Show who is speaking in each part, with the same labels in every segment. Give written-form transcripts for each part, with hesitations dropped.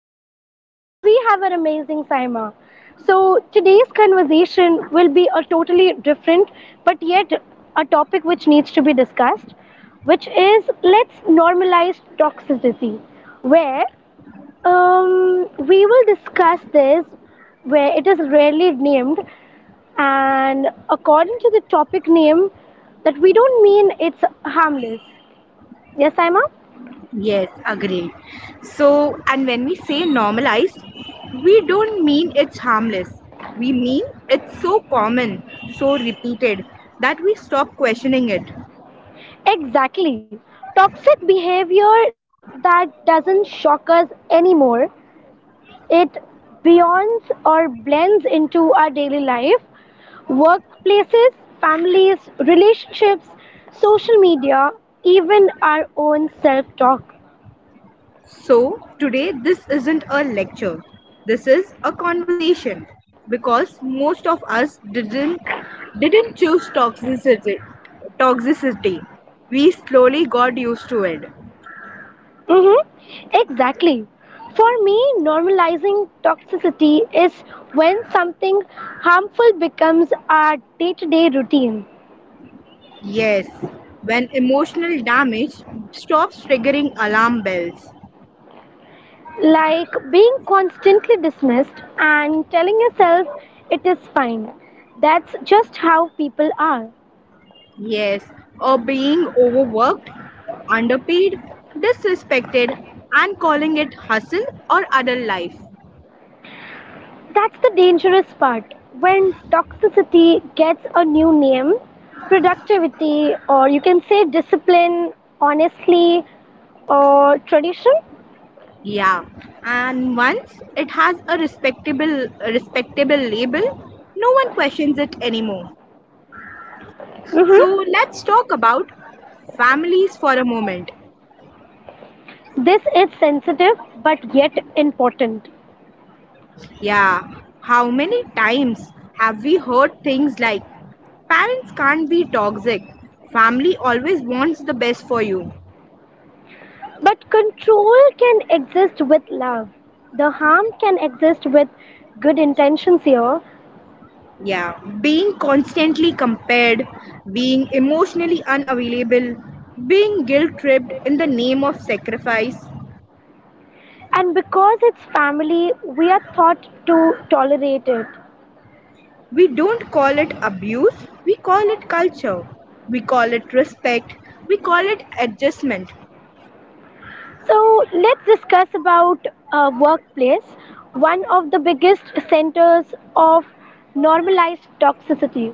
Speaker 1: Neha and we have an amazing Saima. So today's conversation will be a totally different but yet a topic which needs to be discussed, which is let's normalize toxicity, where we will discuss this where it is rarely named and according to the topic name that we don't mean it's harmless. Yes, Saima?
Speaker 2: Yes, agreed. So, and when we say normalized, we don't mean it's harmless. We mean it's so common, so repeated, that we stop questioning it.
Speaker 1: Exactly. Toxic behavior that doesn't shock us anymore. It beyonds or blends into our daily life, workplaces, families, relationships, social media, even our own self talk.
Speaker 2: So, today this isn't a lecture, this is a conversation because most of us didn't choose toxicity. We slowly got used to it.
Speaker 1: Mm-hmm. Exactly. For me, normalizing toxicity is when something harmful becomes our day to day routine.
Speaker 2: Yes, when emotional damage stops triggering alarm bells.
Speaker 1: Like being constantly dismissed and telling yourself it is fine. That's just how people are.
Speaker 2: Yes, or being overworked, underpaid, disrespected, and calling it hustle or other life.
Speaker 1: That's the dangerous part. When toxicity gets a new name, productivity, or you can say discipline, honestly, or tradition.
Speaker 2: Yeah, and once it has a respectable label, no one questions it anymore. So
Speaker 1: hmm
Speaker 2: let's talk about families for a moment.
Speaker 1: This is sensitive but yet important.
Speaker 2: Yeah, how many times have we heard things like parents can't be toxic? Family always wants the best for you.
Speaker 1: But control can exist with love. The harm can exist with good intentions here.
Speaker 2: Yeah, being constantly compared, being emotionally unavailable, being guilt tripped in the name of sacrifice.
Speaker 1: And because it's family, we are thought to tolerate it.
Speaker 2: We don't call it abuse, we call it culture. We call it respect, we call it adjustment.
Speaker 1: So let's discuss about workplace, one of the biggest centers of normalized toxicity,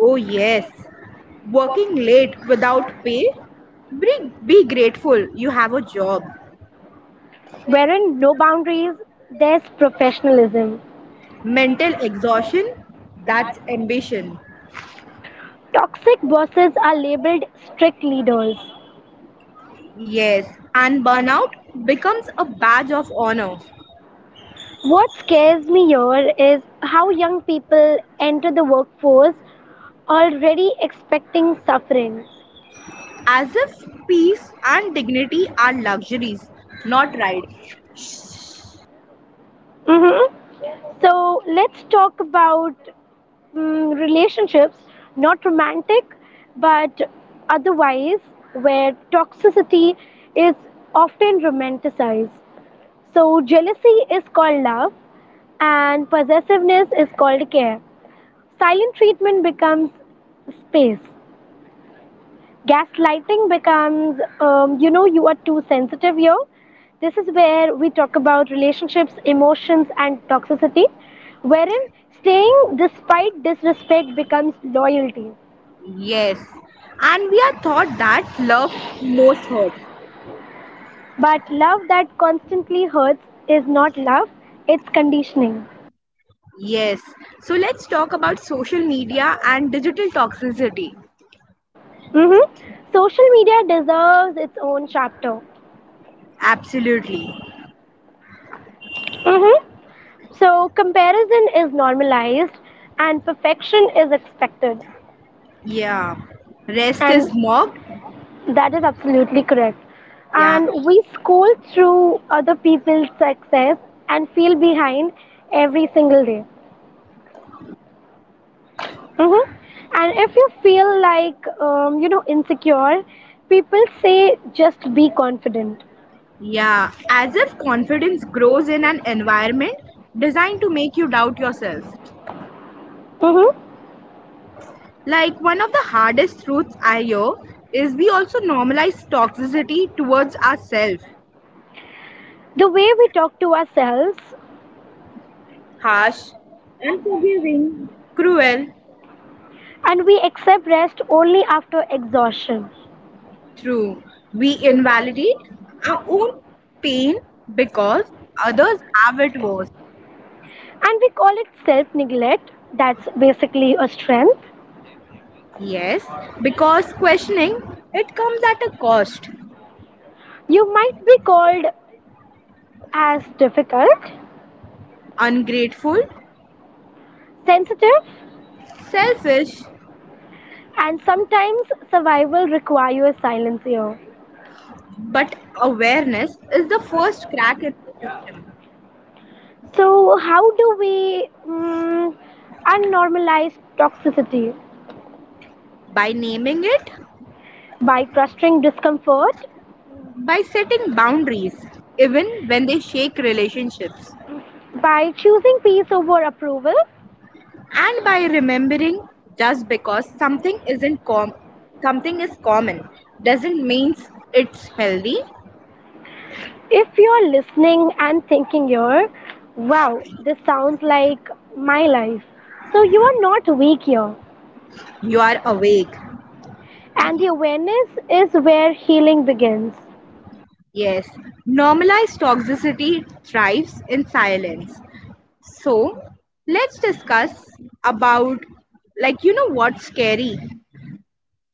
Speaker 2: Oh, yes, working late without pay. Be, be grateful you have a job.
Speaker 1: wherein no boundaries, there's professionalism.
Speaker 2: Mental exhaustion, that's ambition.
Speaker 1: Toxic bosses are labeled strict leaders.
Speaker 2: Yes, and burnout becomes a badge of honor.
Speaker 1: What scares me here is how young people enter the workforce already expecting suffering.
Speaker 2: As if peace and dignity are luxuries, not rights.
Speaker 1: Mm-hmm. So let's talk about relationships, not romantic, but otherwise, where toxicity is often romanticized. So jealousy is called love, and possessiveness is called care. Silent treatment becomes space, gaslighting becomes, you know you are too sensitive here. This is where we talk about relationships, emotions and toxicity, wherein staying despite disrespect becomes loyalty.
Speaker 2: Yes, and we are taught that love most hurt.
Speaker 1: But love that constantly hurts is not love, it's conditioning.
Speaker 2: Yes, so let's talk about social media and digital toxicity.
Speaker 1: hmm Social media deserves its own chapter.
Speaker 2: Absolutely.
Speaker 1: hmm so comparison is normalized and perfection is expected.
Speaker 2: Yeah, rest is
Speaker 1: And
Speaker 2: mocked.
Speaker 1: that is absolutely correct.
Speaker 2: Yeah,
Speaker 1: And we scroll through other people's success and feel behind every single day. hmm And if you feel like, insecure, people say just be confident.
Speaker 2: yeah, as if confidence grows in an environment designed to make you doubt yourself.
Speaker 1: hmm
Speaker 2: Like one of the hardest truths I hear is we also normalize toxicity towards ourselves.
Speaker 1: The way we talk to ourselves,
Speaker 2: Harsh, unforgiving, cruel,
Speaker 1: and we accept rest only after exhaustion.
Speaker 2: true. We invalidate our own pain because others have it worse.
Speaker 1: And we call it self neglect. That's basically a strength.
Speaker 2: Yes, because questioning it comes at a cost.
Speaker 1: You might be called as difficult,
Speaker 2: Ungrateful,
Speaker 1: sensitive,
Speaker 2: selfish,
Speaker 1: and sometimes survival requires silence here.
Speaker 2: but awareness is the first crack in the system.
Speaker 1: So, how do we unnormalize toxicity?
Speaker 2: By naming it,
Speaker 1: By trusting discomfort,
Speaker 2: by setting boundaries, even when they shake relationships,
Speaker 1: by choosing peace over approval.
Speaker 2: and by remembering, just because something is common doesn't mean it's healthy.
Speaker 1: If you're listening and thinking here, wow, this sounds like my life. So, you are not weak here.
Speaker 2: You are awake.
Speaker 1: And the awareness is where healing begins.
Speaker 2: Yes, normalized toxicity thrives in silence. So, let's discuss about, like, you know, what's scary.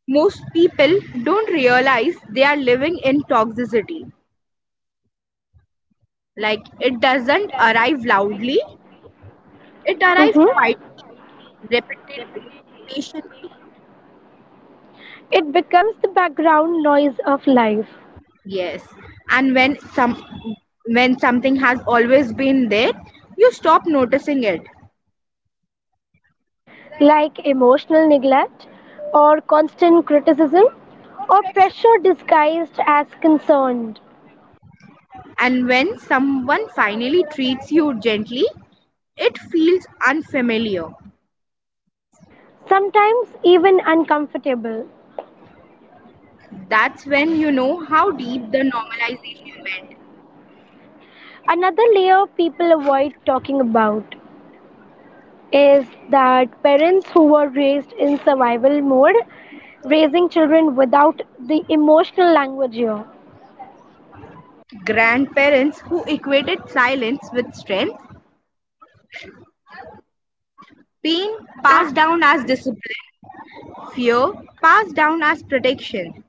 Speaker 2: Most people don't realize they are living in toxicity. Like, it doesn't arrive loudly, it
Speaker 1: hmm
Speaker 2: arrives quietly, repeatedly, patiently.
Speaker 1: It becomes the background noise of life.
Speaker 2: Yes. And when something has always been there, you stop noticing it.
Speaker 1: Like emotional neglect or constant criticism or pressure disguised as concern,
Speaker 2: And when someone finally treats you gently, it feels unfamiliar.
Speaker 1: sometimes even uncomfortable.
Speaker 2: That's when you know how deep the normalization went.
Speaker 1: Another layer people avoid talking about is that parents who were raised in survival mode raising children without the emotional language here.
Speaker 2: Grandparents who equated silence with strength, pain passed
Speaker 1: I
Speaker 2: down as discipline, fear passed down as protection.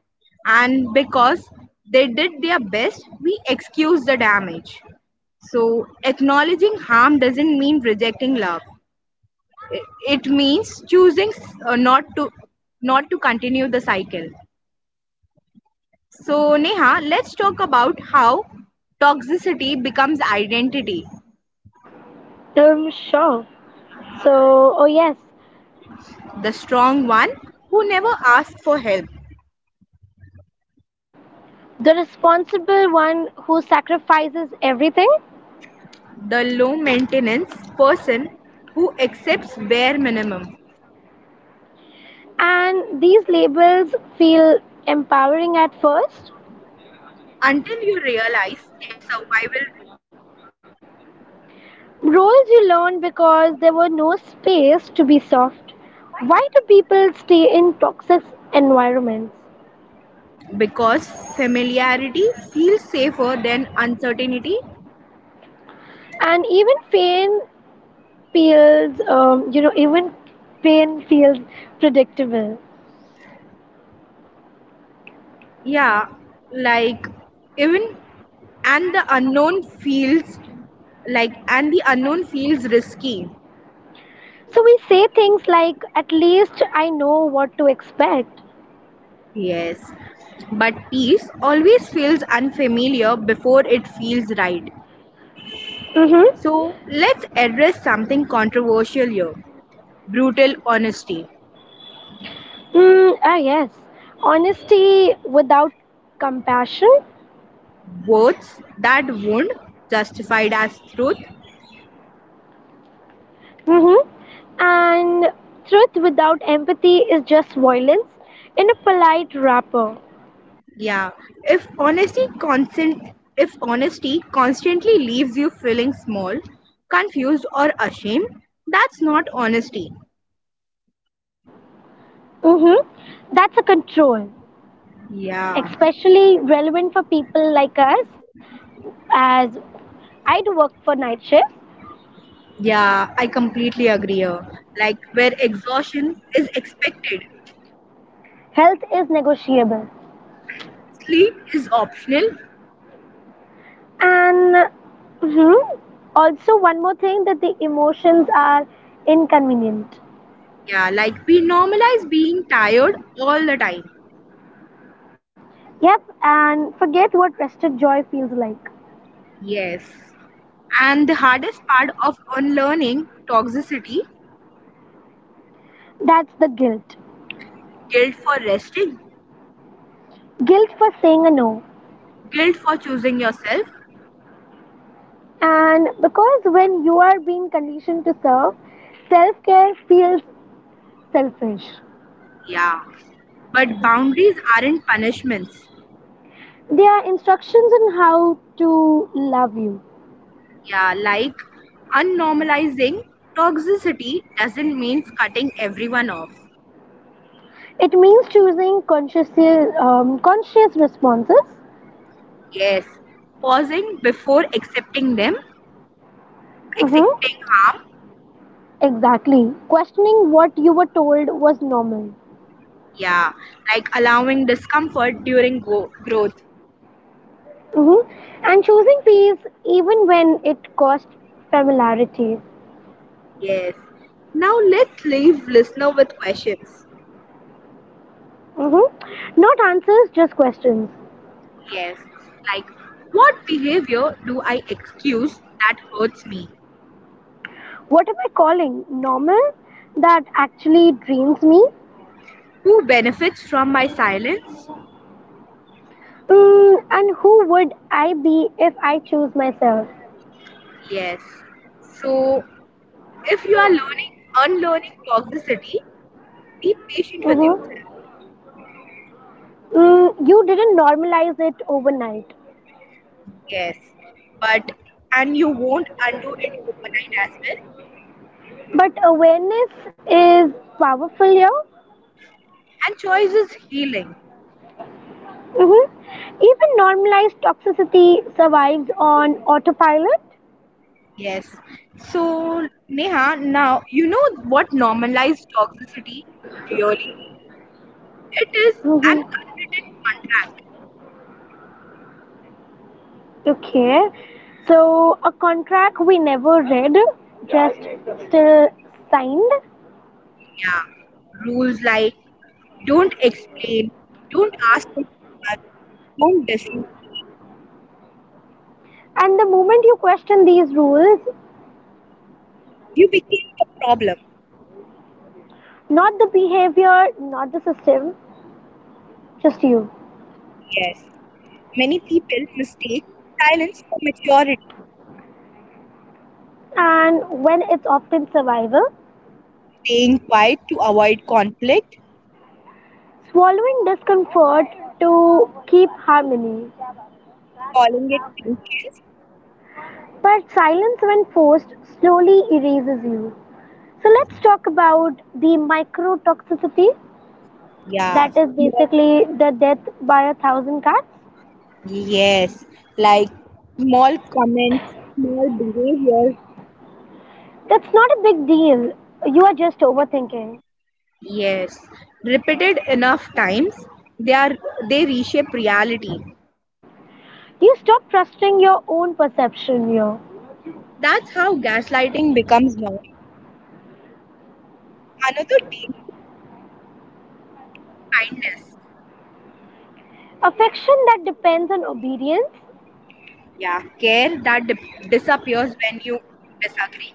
Speaker 2: And because they did their best, we excuse the damage. So, acknowledging harm doesn't mean rejecting love. I- It means choosing uh, not to not to continue the cycle. So, Neha, let's talk about how toxicity becomes identity.
Speaker 1: am sure. So, oh yes,
Speaker 2: The strong one who never asks for help,
Speaker 1: the responsible one who sacrifices everything.
Speaker 2: the low maintenance person who accepts bare minimum,
Speaker 1: And these labels feel empowering at first.
Speaker 2: until you realize their survival roles.
Speaker 1: Roles you learned because there were no space to be soft. Why do people stay in toxic environments?
Speaker 2: Because familiarity feels safer than uncertainty.
Speaker 1: And even pain feels, even pain feels predictable.
Speaker 2: Yeah, like even and the unknown feels like and the unknown feels risky.
Speaker 1: So we say things like, at least I know what to expect.
Speaker 2: Yes, but peace always feels unfamiliar before it feels right.
Speaker 1: Mm-hmm.
Speaker 2: So let's address something controversial here: brutal honesty.
Speaker 1: Mm, ah, yes. Honesty without compassion.
Speaker 2: Words that wound, justified as truth.
Speaker 1: Mm-hmm. And truth without empathy is just violence in a polite wrapper.
Speaker 2: Yeah, if honesty constant if honesty constantly leaves you feeling small, confused or ashamed, that's not honesty.
Speaker 1: Mm-hmm. That's a control,
Speaker 2: Yeah.
Speaker 1: especially relevant for people like us, as I do work for night shifts.
Speaker 2: Yeah, I completely agree here. Like where exhaustion is expected,
Speaker 1: Health is negotiable.
Speaker 2: sleep is optional.
Speaker 1: And mhm, also, one more thing, that the emotions are inconvenient.
Speaker 2: Yeah, like we normalize being tired all the time.
Speaker 1: Yep, and forget what rested joy feels like.
Speaker 2: Yes. And the hardest part of unlearning toxicity,
Speaker 1: That's the guilt.
Speaker 2: guilt for resting,
Speaker 1: Guilt for saying a no.
Speaker 2: guilt for choosing yourself.
Speaker 1: And because when you are being conditioned to serve, self care feels selfish.
Speaker 2: Yeah, but boundaries aren't punishments.
Speaker 1: There are instructions on how to love you.
Speaker 2: Yeah, like unnormalizing toxicity doesn't mean cutting everyone off.
Speaker 1: It means choosing conscious responses.
Speaker 2: Yes, pausing before accepting them,
Speaker 1: hmm
Speaker 2: accepting harm.
Speaker 1: Exactly. Questioning what you were told was normal.
Speaker 2: Yeah, like allowing discomfort during growth.
Speaker 1: And choosing peace even when it cost familiarity.
Speaker 2: Yes. Now let's leave listener with questions.
Speaker 1: hmm Not answers, just questions.
Speaker 2: Yes, like what behavior do I excuse that hurts me?
Speaker 1: What am I calling normal that actually drains me?
Speaker 2: Who benefits from my silence?
Speaker 1: Mm, and who would I be if I choose myself?
Speaker 2: Yes. So if you are learning unlearning toxicity, be patient with
Speaker 1: Mm-hmm.
Speaker 2: yourself.
Speaker 1: Mm, you didn't normalize it overnight,
Speaker 2: Yes. But and you won't undo it overnight as well.
Speaker 1: but awareness is powerful here.
Speaker 2: And choice is healing.
Speaker 1: Mm-hmm. Even normalized toxicity survives on autopilot.
Speaker 2: Yes. So, Neha, now you know what normalized toxicity really is? It is an
Speaker 1: Mm-hmm.
Speaker 2: unwritten contract.
Speaker 1: Okay, so a contract we never read, just still signed.
Speaker 2: Yeah. Rules like don't explain, don't ask for too much, don't distract.
Speaker 1: And the moment you question these rules,
Speaker 2: You became the problem.
Speaker 1: not the behavior, not the system, just you.
Speaker 2: Yes. Many people mistake silence for maturity.
Speaker 1: And when it's often survival,
Speaker 2: Staying quiet to avoid conflict,
Speaker 1: swallowing discomfort to keep harmony.
Speaker 2: calling it patience.
Speaker 1: But silence, when forced, slowly erases you. So let's talk about the microtoxicity,
Speaker 2: Yeah.
Speaker 1: that is
Speaker 2: small-
Speaker 1: basically the death by a thousand cuts.
Speaker 2: Yes. Like small comments, small behaviors.
Speaker 1: That's not a big deal. You are just overthinking.
Speaker 2: Yes. Repeated enough times, they are they reshape reality.
Speaker 1: You stop trusting your own perception here.
Speaker 2: That's how gaslighting becomes normal. Another dangerous kindness.
Speaker 1: Affection that depends on obedience,
Speaker 2: Yeah, care that disappears when you disagree,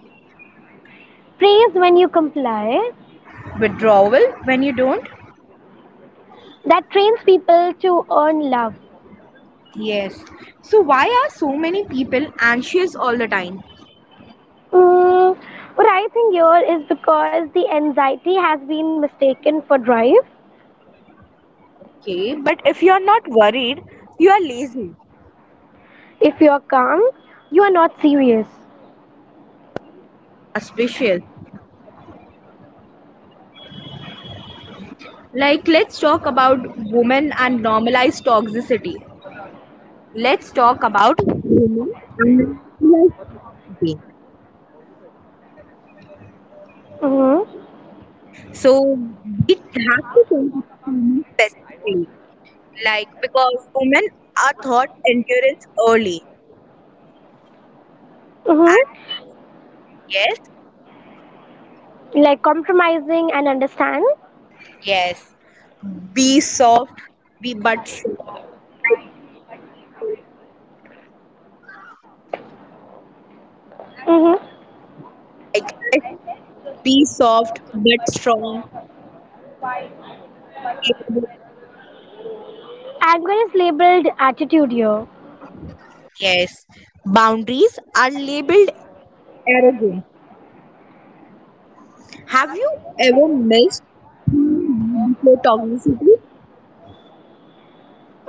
Speaker 1: praise when you comply,
Speaker 2: withdrawal when you don't.
Speaker 1: that trains people to earn love.
Speaker 2: Yes, so why are so many people anxious all the time?
Speaker 1: Mm, what I think here is because the anxiety has been mistaken for drive.
Speaker 2: Okay, but if you're not worried, you are lazy.
Speaker 1: If you're calm, you are not serious.
Speaker 2: Suspicious. Like, let's talk about women and normalized toxicity Let's talk about women and mental health.
Speaker 1: Mm-hmm.
Speaker 2: So we have to talk about women specifically. Like because women are taught endurance early. And
Speaker 1: Mm-hmm.
Speaker 2: this- yes,
Speaker 1: Like compromising and understand.
Speaker 2: yes. Be soft, be but strong. I-
Speaker 1: Mm-hmm.
Speaker 2: Like be soft but strong, capable.
Speaker 1: Anger is labeled attitude here.
Speaker 2: Yes. Boundaries are labeled arrogant. Have you ever missed before toxicity?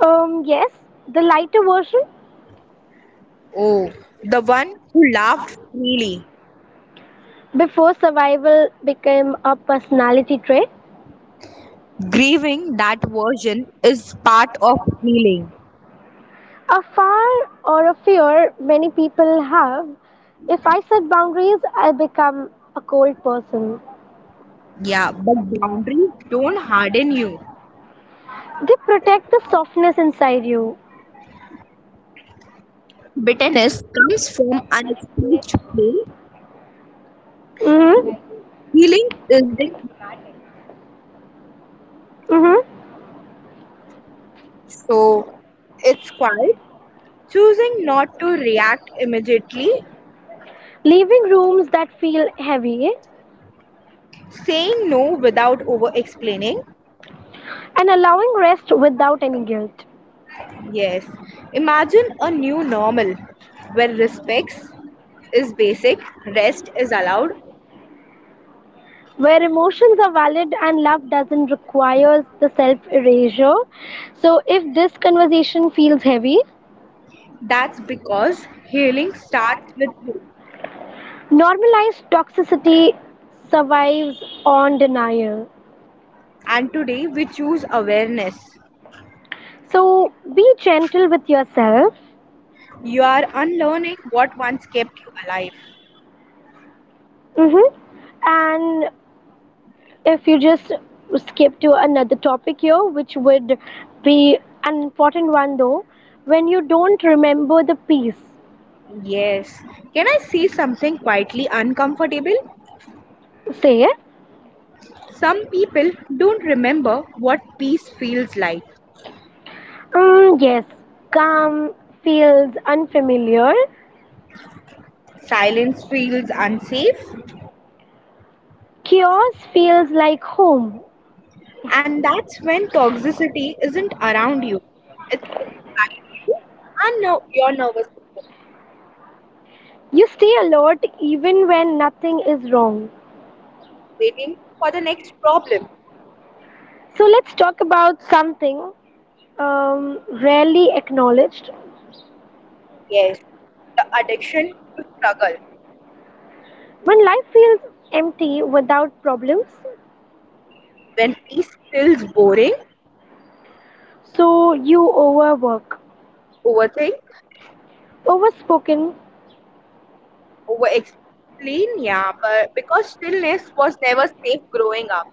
Speaker 1: Yes, the lighter version
Speaker 2: Oh, the one who laughed freely.
Speaker 1: before survival became a personality trait.
Speaker 2: Grieving that version is part of healing.
Speaker 1: A far or a fear many people have. If I set boundaries, I become a cold person.
Speaker 2: Yeah, but boundaries don't harden you.
Speaker 1: They protect the softness inside you.
Speaker 2: Bitterness comes from unexpressed pain. And
Speaker 1: Mm-hmm.
Speaker 2: healing isn't easy.
Speaker 1: Mm-hmm.
Speaker 2: So it's quiet. Choosing not to react immediately,
Speaker 1: Leaving rooms that feel heavy
Speaker 2: saying no without over explaining.
Speaker 1: and allowing rest without any guilt.
Speaker 2: Yes, imagine a new normal where respect is basic, rest is allowed.
Speaker 1: Where emotions are valid and love doesn't require the self erasure. So, if this conversation feels heavy,
Speaker 2: That's because healing starts with truth.
Speaker 1: normalized toxicity survives on denial.
Speaker 2: And today we choose awareness.
Speaker 1: So, be gentle with yourself.
Speaker 2: You are unlearning what once kept you alive.
Speaker 1: Mm-hmm. And if you just skip to another topic here, which would be an important one though, when you don't remember the piece,
Speaker 2: Yes. Can I say something quietly uncomfortable?
Speaker 1: say,
Speaker 2: Some people don't remember what peace feels like.
Speaker 1: mm, yes, calm feels unfamiliar,
Speaker 2: Silence feels unsafe,
Speaker 1: chaos feels like home.
Speaker 2: and that's when toxicity isn't around you, it's inside you and your nervous system,
Speaker 1: You stay alert even when nothing is wrong.
Speaker 2: waiting for the next problem.
Speaker 1: So let's talk about something rarely acknowledged.
Speaker 2: Yes, the addiction to struggle.
Speaker 1: When life feels empty without problems,
Speaker 2: When peace feels boring,
Speaker 1: so you overwork,
Speaker 2: overthink,
Speaker 1: overspoken.
Speaker 2: over explain. Yeah, but because stillness was never safe growing up.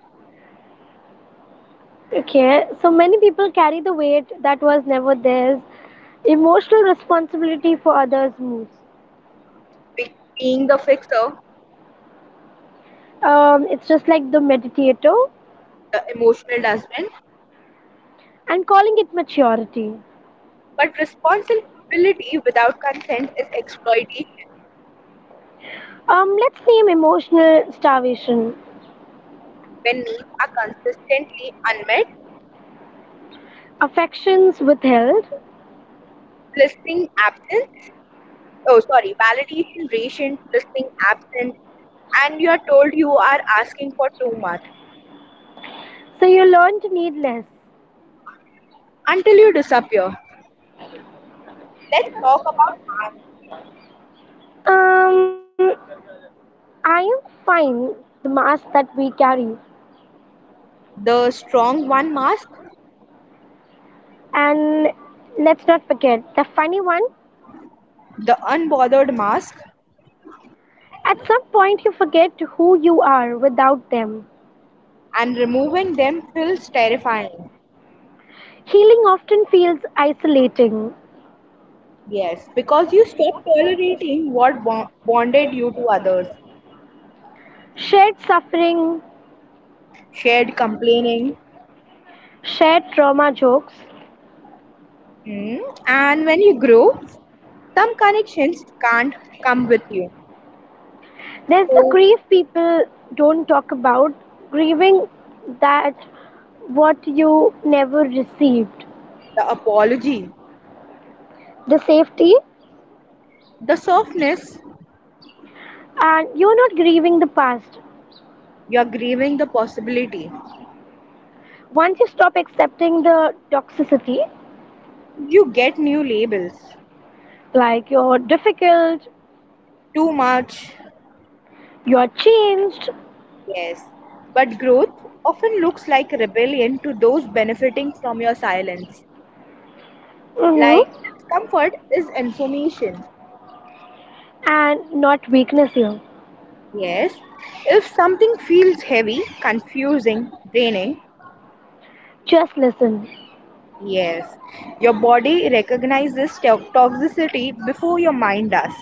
Speaker 1: Okay, so many people carry the weight that was never theirs. Emotional responsibility for others' moves.
Speaker 2: Being the fixer,
Speaker 1: It's just like the meditator
Speaker 2: the emotional dustbin.
Speaker 1: and calling it maturity.
Speaker 2: But responsibility without consent is exploitation.
Speaker 1: Let's name emotional starvation.
Speaker 2: When needs are consistently unmet,
Speaker 1: Affections withheld.
Speaker 2: listening absence, oh sorry, validation ration, listening absent, and you are told you are asking for too much,
Speaker 1: So you learn to need less.
Speaker 2: until you disappear. Let's talk about masks:
Speaker 1: Um, I am fine, the mask that we carry.
Speaker 2: the strong one mask,
Speaker 1: And let's not forget the funny one.
Speaker 2: the unbothered mask,
Speaker 1: At some point, you forget who you are without them.
Speaker 2: and removing them feels terrifying.
Speaker 1: Healing often feels isolating.
Speaker 2: Yes, because you stop tolerating what bonded you to others,
Speaker 1: Shared suffering,
Speaker 2: shared complaining.
Speaker 1: shared trauma jokes.
Speaker 2: Mm, and when you grow, some connections can't come with you.
Speaker 1: There's the
Speaker 2: So,
Speaker 1: grief people don't talk about, grieving that what you never received.
Speaker 2: the apology,
Speaker 1: The safety,
Speaker 2: the softness,
Speaker 1: and you're not grieving the past.
Speaker 2: you're grieving the possibility.
Speaker 1: Once you stop accepting the toxicity,
Speaker 2: You get new labels.
Speaker 1: like you're difficult,
Speaker 2: Too much,
Speaker 1: you're changed,
Speaker 2: yes, but growth often looks like rebellion to those benefiting from your silence.
Speaker 1: mhm,
Speaker 2: Like discomfort is information.
Speaker 1: and not weakness here.
Speaker 2: Yes, if something feels heavy, confusing, draining,
Speaker 1: Just listen.
Speaker 2: yes, your body recognizes toxicity before your mind does.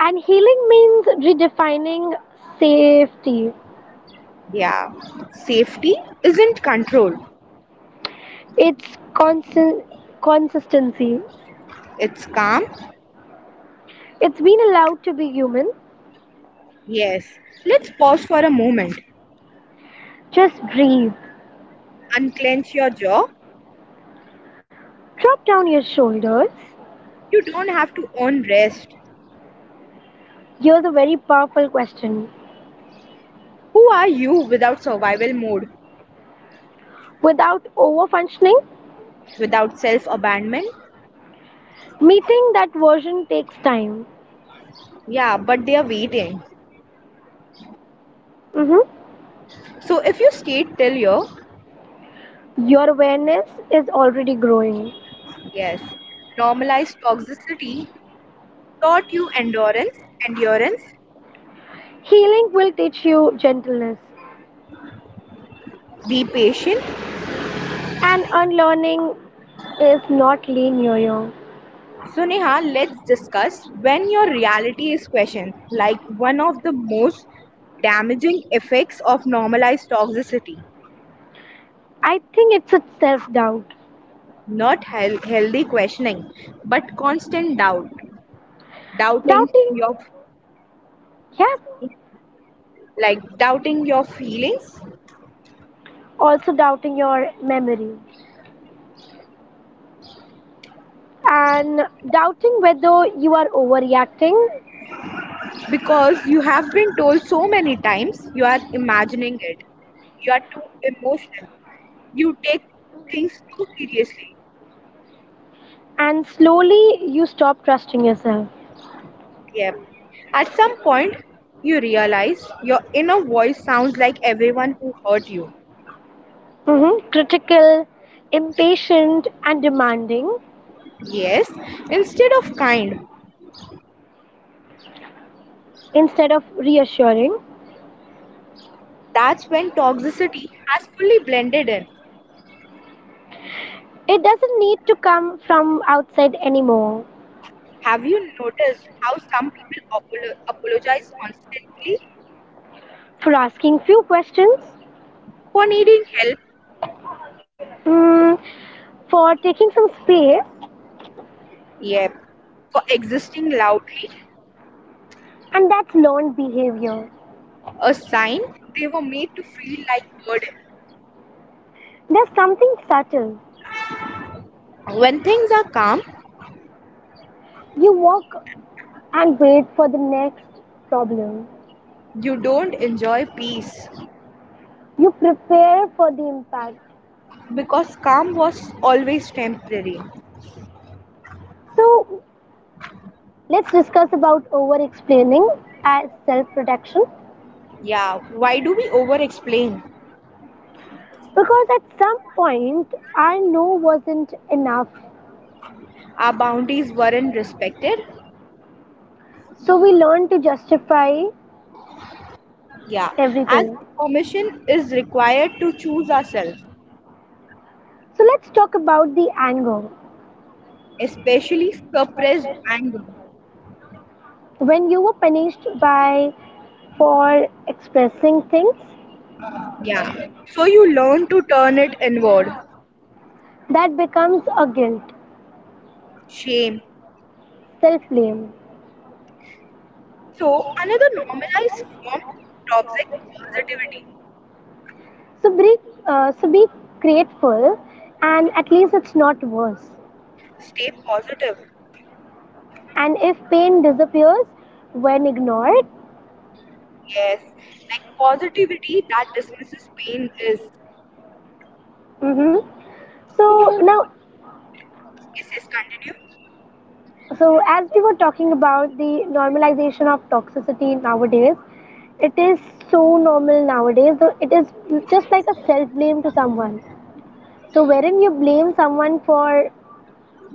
Speaker 1: And healing means redefining safety,
Speaker 2: Yeah, safety isn't control,
Speaker 1: it's constant consistency.
Speaker 2: it's calm.
Speaker 1: It's being allowed to be human.
Speaker 2: Yes, let's pause for a moment.
Speaker 1: Just breathe.
Speaker 2: Unclench your jaw.
Speaker 1: Drop down your shoulders.
Speaker 2: You don't have to earn rest.
Speaker 1: Here's a very powerful question.
Speaker 2: Who are you without survival mode,
Speaker 1: Without over functioning,
Speaker 2: without self abandonment?
Speaker 1: meeting that version takes time.
Speaker 2: Yeah, but they are waiting.
Speaker 1: Mhm.
Speaker 2: So if you stayed till here,
Speaker 1: Your awareness is already growing.
Speaker 2: yes, normalize toxicity, taught you endurance,
Speaker 1: Healing will teach you gentleness,
Speaker 2: be patient.
Speaker 1: and unlearning is not linear.
Speaker 2: So, Neha, let's discuss when your reality is questioned, like one of the most damaging effects of normalized toxicity.
Speaker 1: I think it's a self doubt.
Speaker 2: Not hel healthy questioning, but constant doubt, doubting
Speaker 1: Doubting,
Speaker 2: your
Speaker 1: yeah,
Speaker 2: like doubting your feelings
Speaker 1: also doubting your memory and doubting whether you are overreacting,
Speaker 2: because you have been told so many times you are imagining it, you are too emotional, you take things too seriously.
Speaker 1: and slowly you stop trusting yourself.
Speaker 2: Yep, at some point you realize your inner voice sounds like everyone who hurt you.
Speaker 1: Critical, impatient, and demanding
Speaker 2: Yes, instead of kind.
Speaker 1: instead of reassuring.
Speaker 2: That's when toxicity has fully blended in.
Speaker 1: It doesn't need to come from outside anymore.
Speaker 2: Have you noticed how some people apologize constantly
Speaker 1: For asking few questions,
Speaker 2: for needing help,
Speaker 1: mm, for taking some space,
Speaker 2: yep, for existing loudly,
Speaker 1: and that's learned behavior.
Speaker 2: a sign they were made to feel like burden.
Speaker 1: There's something subtle.
Speaker 2: When things are calm,
Speaker 1: You walk and wait for the next problem.
Speaker 2: you don't enjoy peace
Speaker 1: You prepare for the impact.
Speaker 2: because calm was always temporary.
Speaker 1: So let's discuss about over explaining as self protection
Speaker 2: Yeah, why do we over explain?
Speaker 1: because at some point our no wasn't enough.
Speaker 2: Our boundaries weren't respected.
Speaker 1: So we learn to justify
Speaker 2: Yeah, as
Speaker 1: everything.
Speaker 2: if permission is required to choose ourselves,
Speaker 1: So let's talk about the anger.
Speaker 2: especially suppressed anger.
Speaker 1: When you were punished by for expressing things,
Speaker 2: Yeah, so you learn to turn it inward.
Speaker 1: that becomes a guilt,
Speaker 2: Shame.
Speaker 1: self blame.
Speaker 2: So, another normalized form: toxic positivity,
Speaker 1: So be, so be grateful, and at least it's not worse.
Speaker 2: stay positive.
Speaker 1: And if pain disappears when ignored,
Speaker 2: Yes, like positivity that dismisses pain is,
Speaker 1: hmm so
Speaker 2: so,
Speaker 1: now,
Speaker 2: yes, yes, continue.
Speaker 1: so as we were talking about the normalization of toxicity nowadays, it is so normal nowadays. So it is just like a self blame to someone. So wherein you blame someone for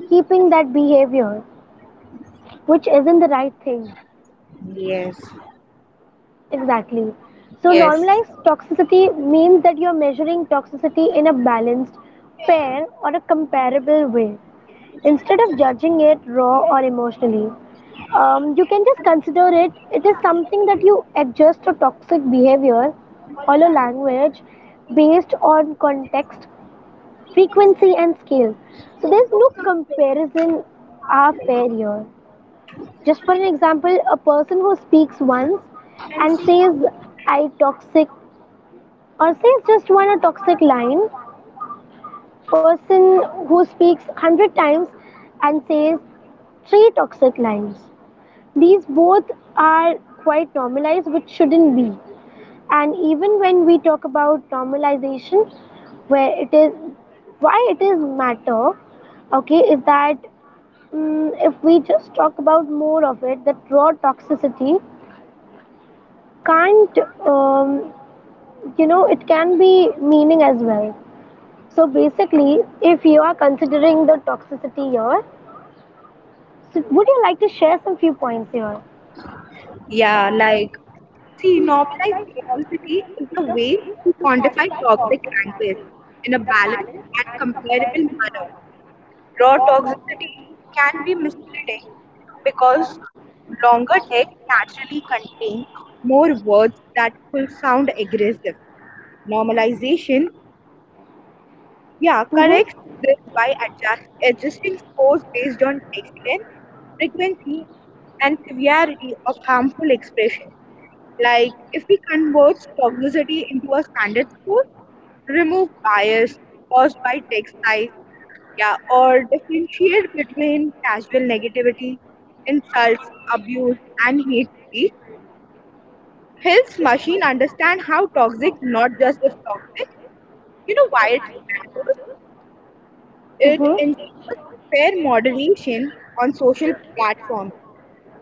Speaker 1: keeping that behavior, which isn't the right thing.
Speaker 2: Yes,
Speaker 1: Exactly. So,
Speaker 2: yes,
Speaker 1: normalized toxicity means that you're measuring toxicity in a balanced, fair, or a comparable way instead of judging it raw or emotionally. You can just consider it, it is something that you adjust to toxic behavior or a language based on context, frequency, and scale. So, there's no comparison are fair here. Just for an example, a person who speaks once and says I toxic or says just one a toxic line, person who speaks 100 times and says three toxic lines. These both are quite normalized which shouldn't be. And even when we talk about normalization where it is why it is matter okay is that mm if we just talk about more of it that raw toxicity can't um, you know it can be meaning as well, so basically if you are considering the toxicity here, so would you like to share some few points here?
Speaker 2: yeah, like, see, normalized toxicity is a way to quantify toxic language in a balanced and comparable manner. Raw toxicity can be misleading because longer texts naturally contain more words that could sound aggressive. Normalization, yeah, corrects
Speaker 1: Mm-hmm.
Speaker 2: this by adjusting scores based on text length, frequency, and severity of harmful expressions. Like if we convert toxicity into a standard score, remove bias caused by text size, yeah, or differentiate between casual negativity, insults, abuse, and hate speech. Helps machine understand how toxic, not just if toxic. You know why it matters? It
Speaker 1: Mm-hmm.
Speaker 2: ensures fair moderation on social platforms,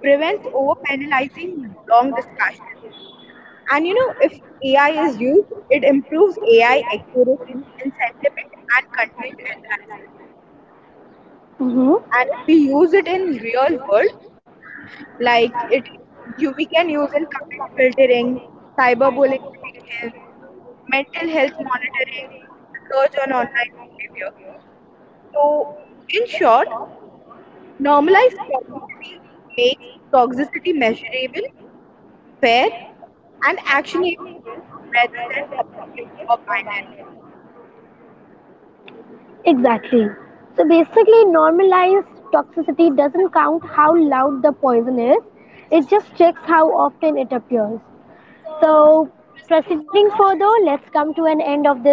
Speaker 2: prevents over-penalizing long discussions. And you know, if AI is used, it improves AI accuracy in sentiment and content analysis.
Speaker 1: Mm-hmm.
Speaker 2: And if we use it in real world, like it, you, we can use in comment filtering, cyberbullying detection, mental health monitoring, research on online behavior. So, in short, normalized toxicity makes toxicity measurable, fair, and actionable rather than subjective or binary.
Speaker 1: Exactly, so basically normalized toxicity doesn't count how loud the poison is, it just checks how often it appears. So, proceeding further, let's come to an end of this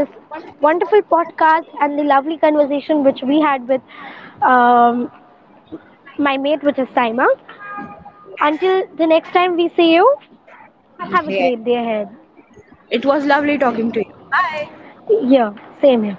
Speaker 1: wonderful podcast and the lovely conversation which we had with um, my mate, which is Saima.
Speaker 2: Yes,
Speaker 1: Until the next time we see you, have a great
Speaker 2: yes.
Speaker 1: day ahead.
Speaker 2: It was lovely talking to
Speaker 1: Bye.
Speaker 2: you. Bye.
Speaker 1: Yeah, same here.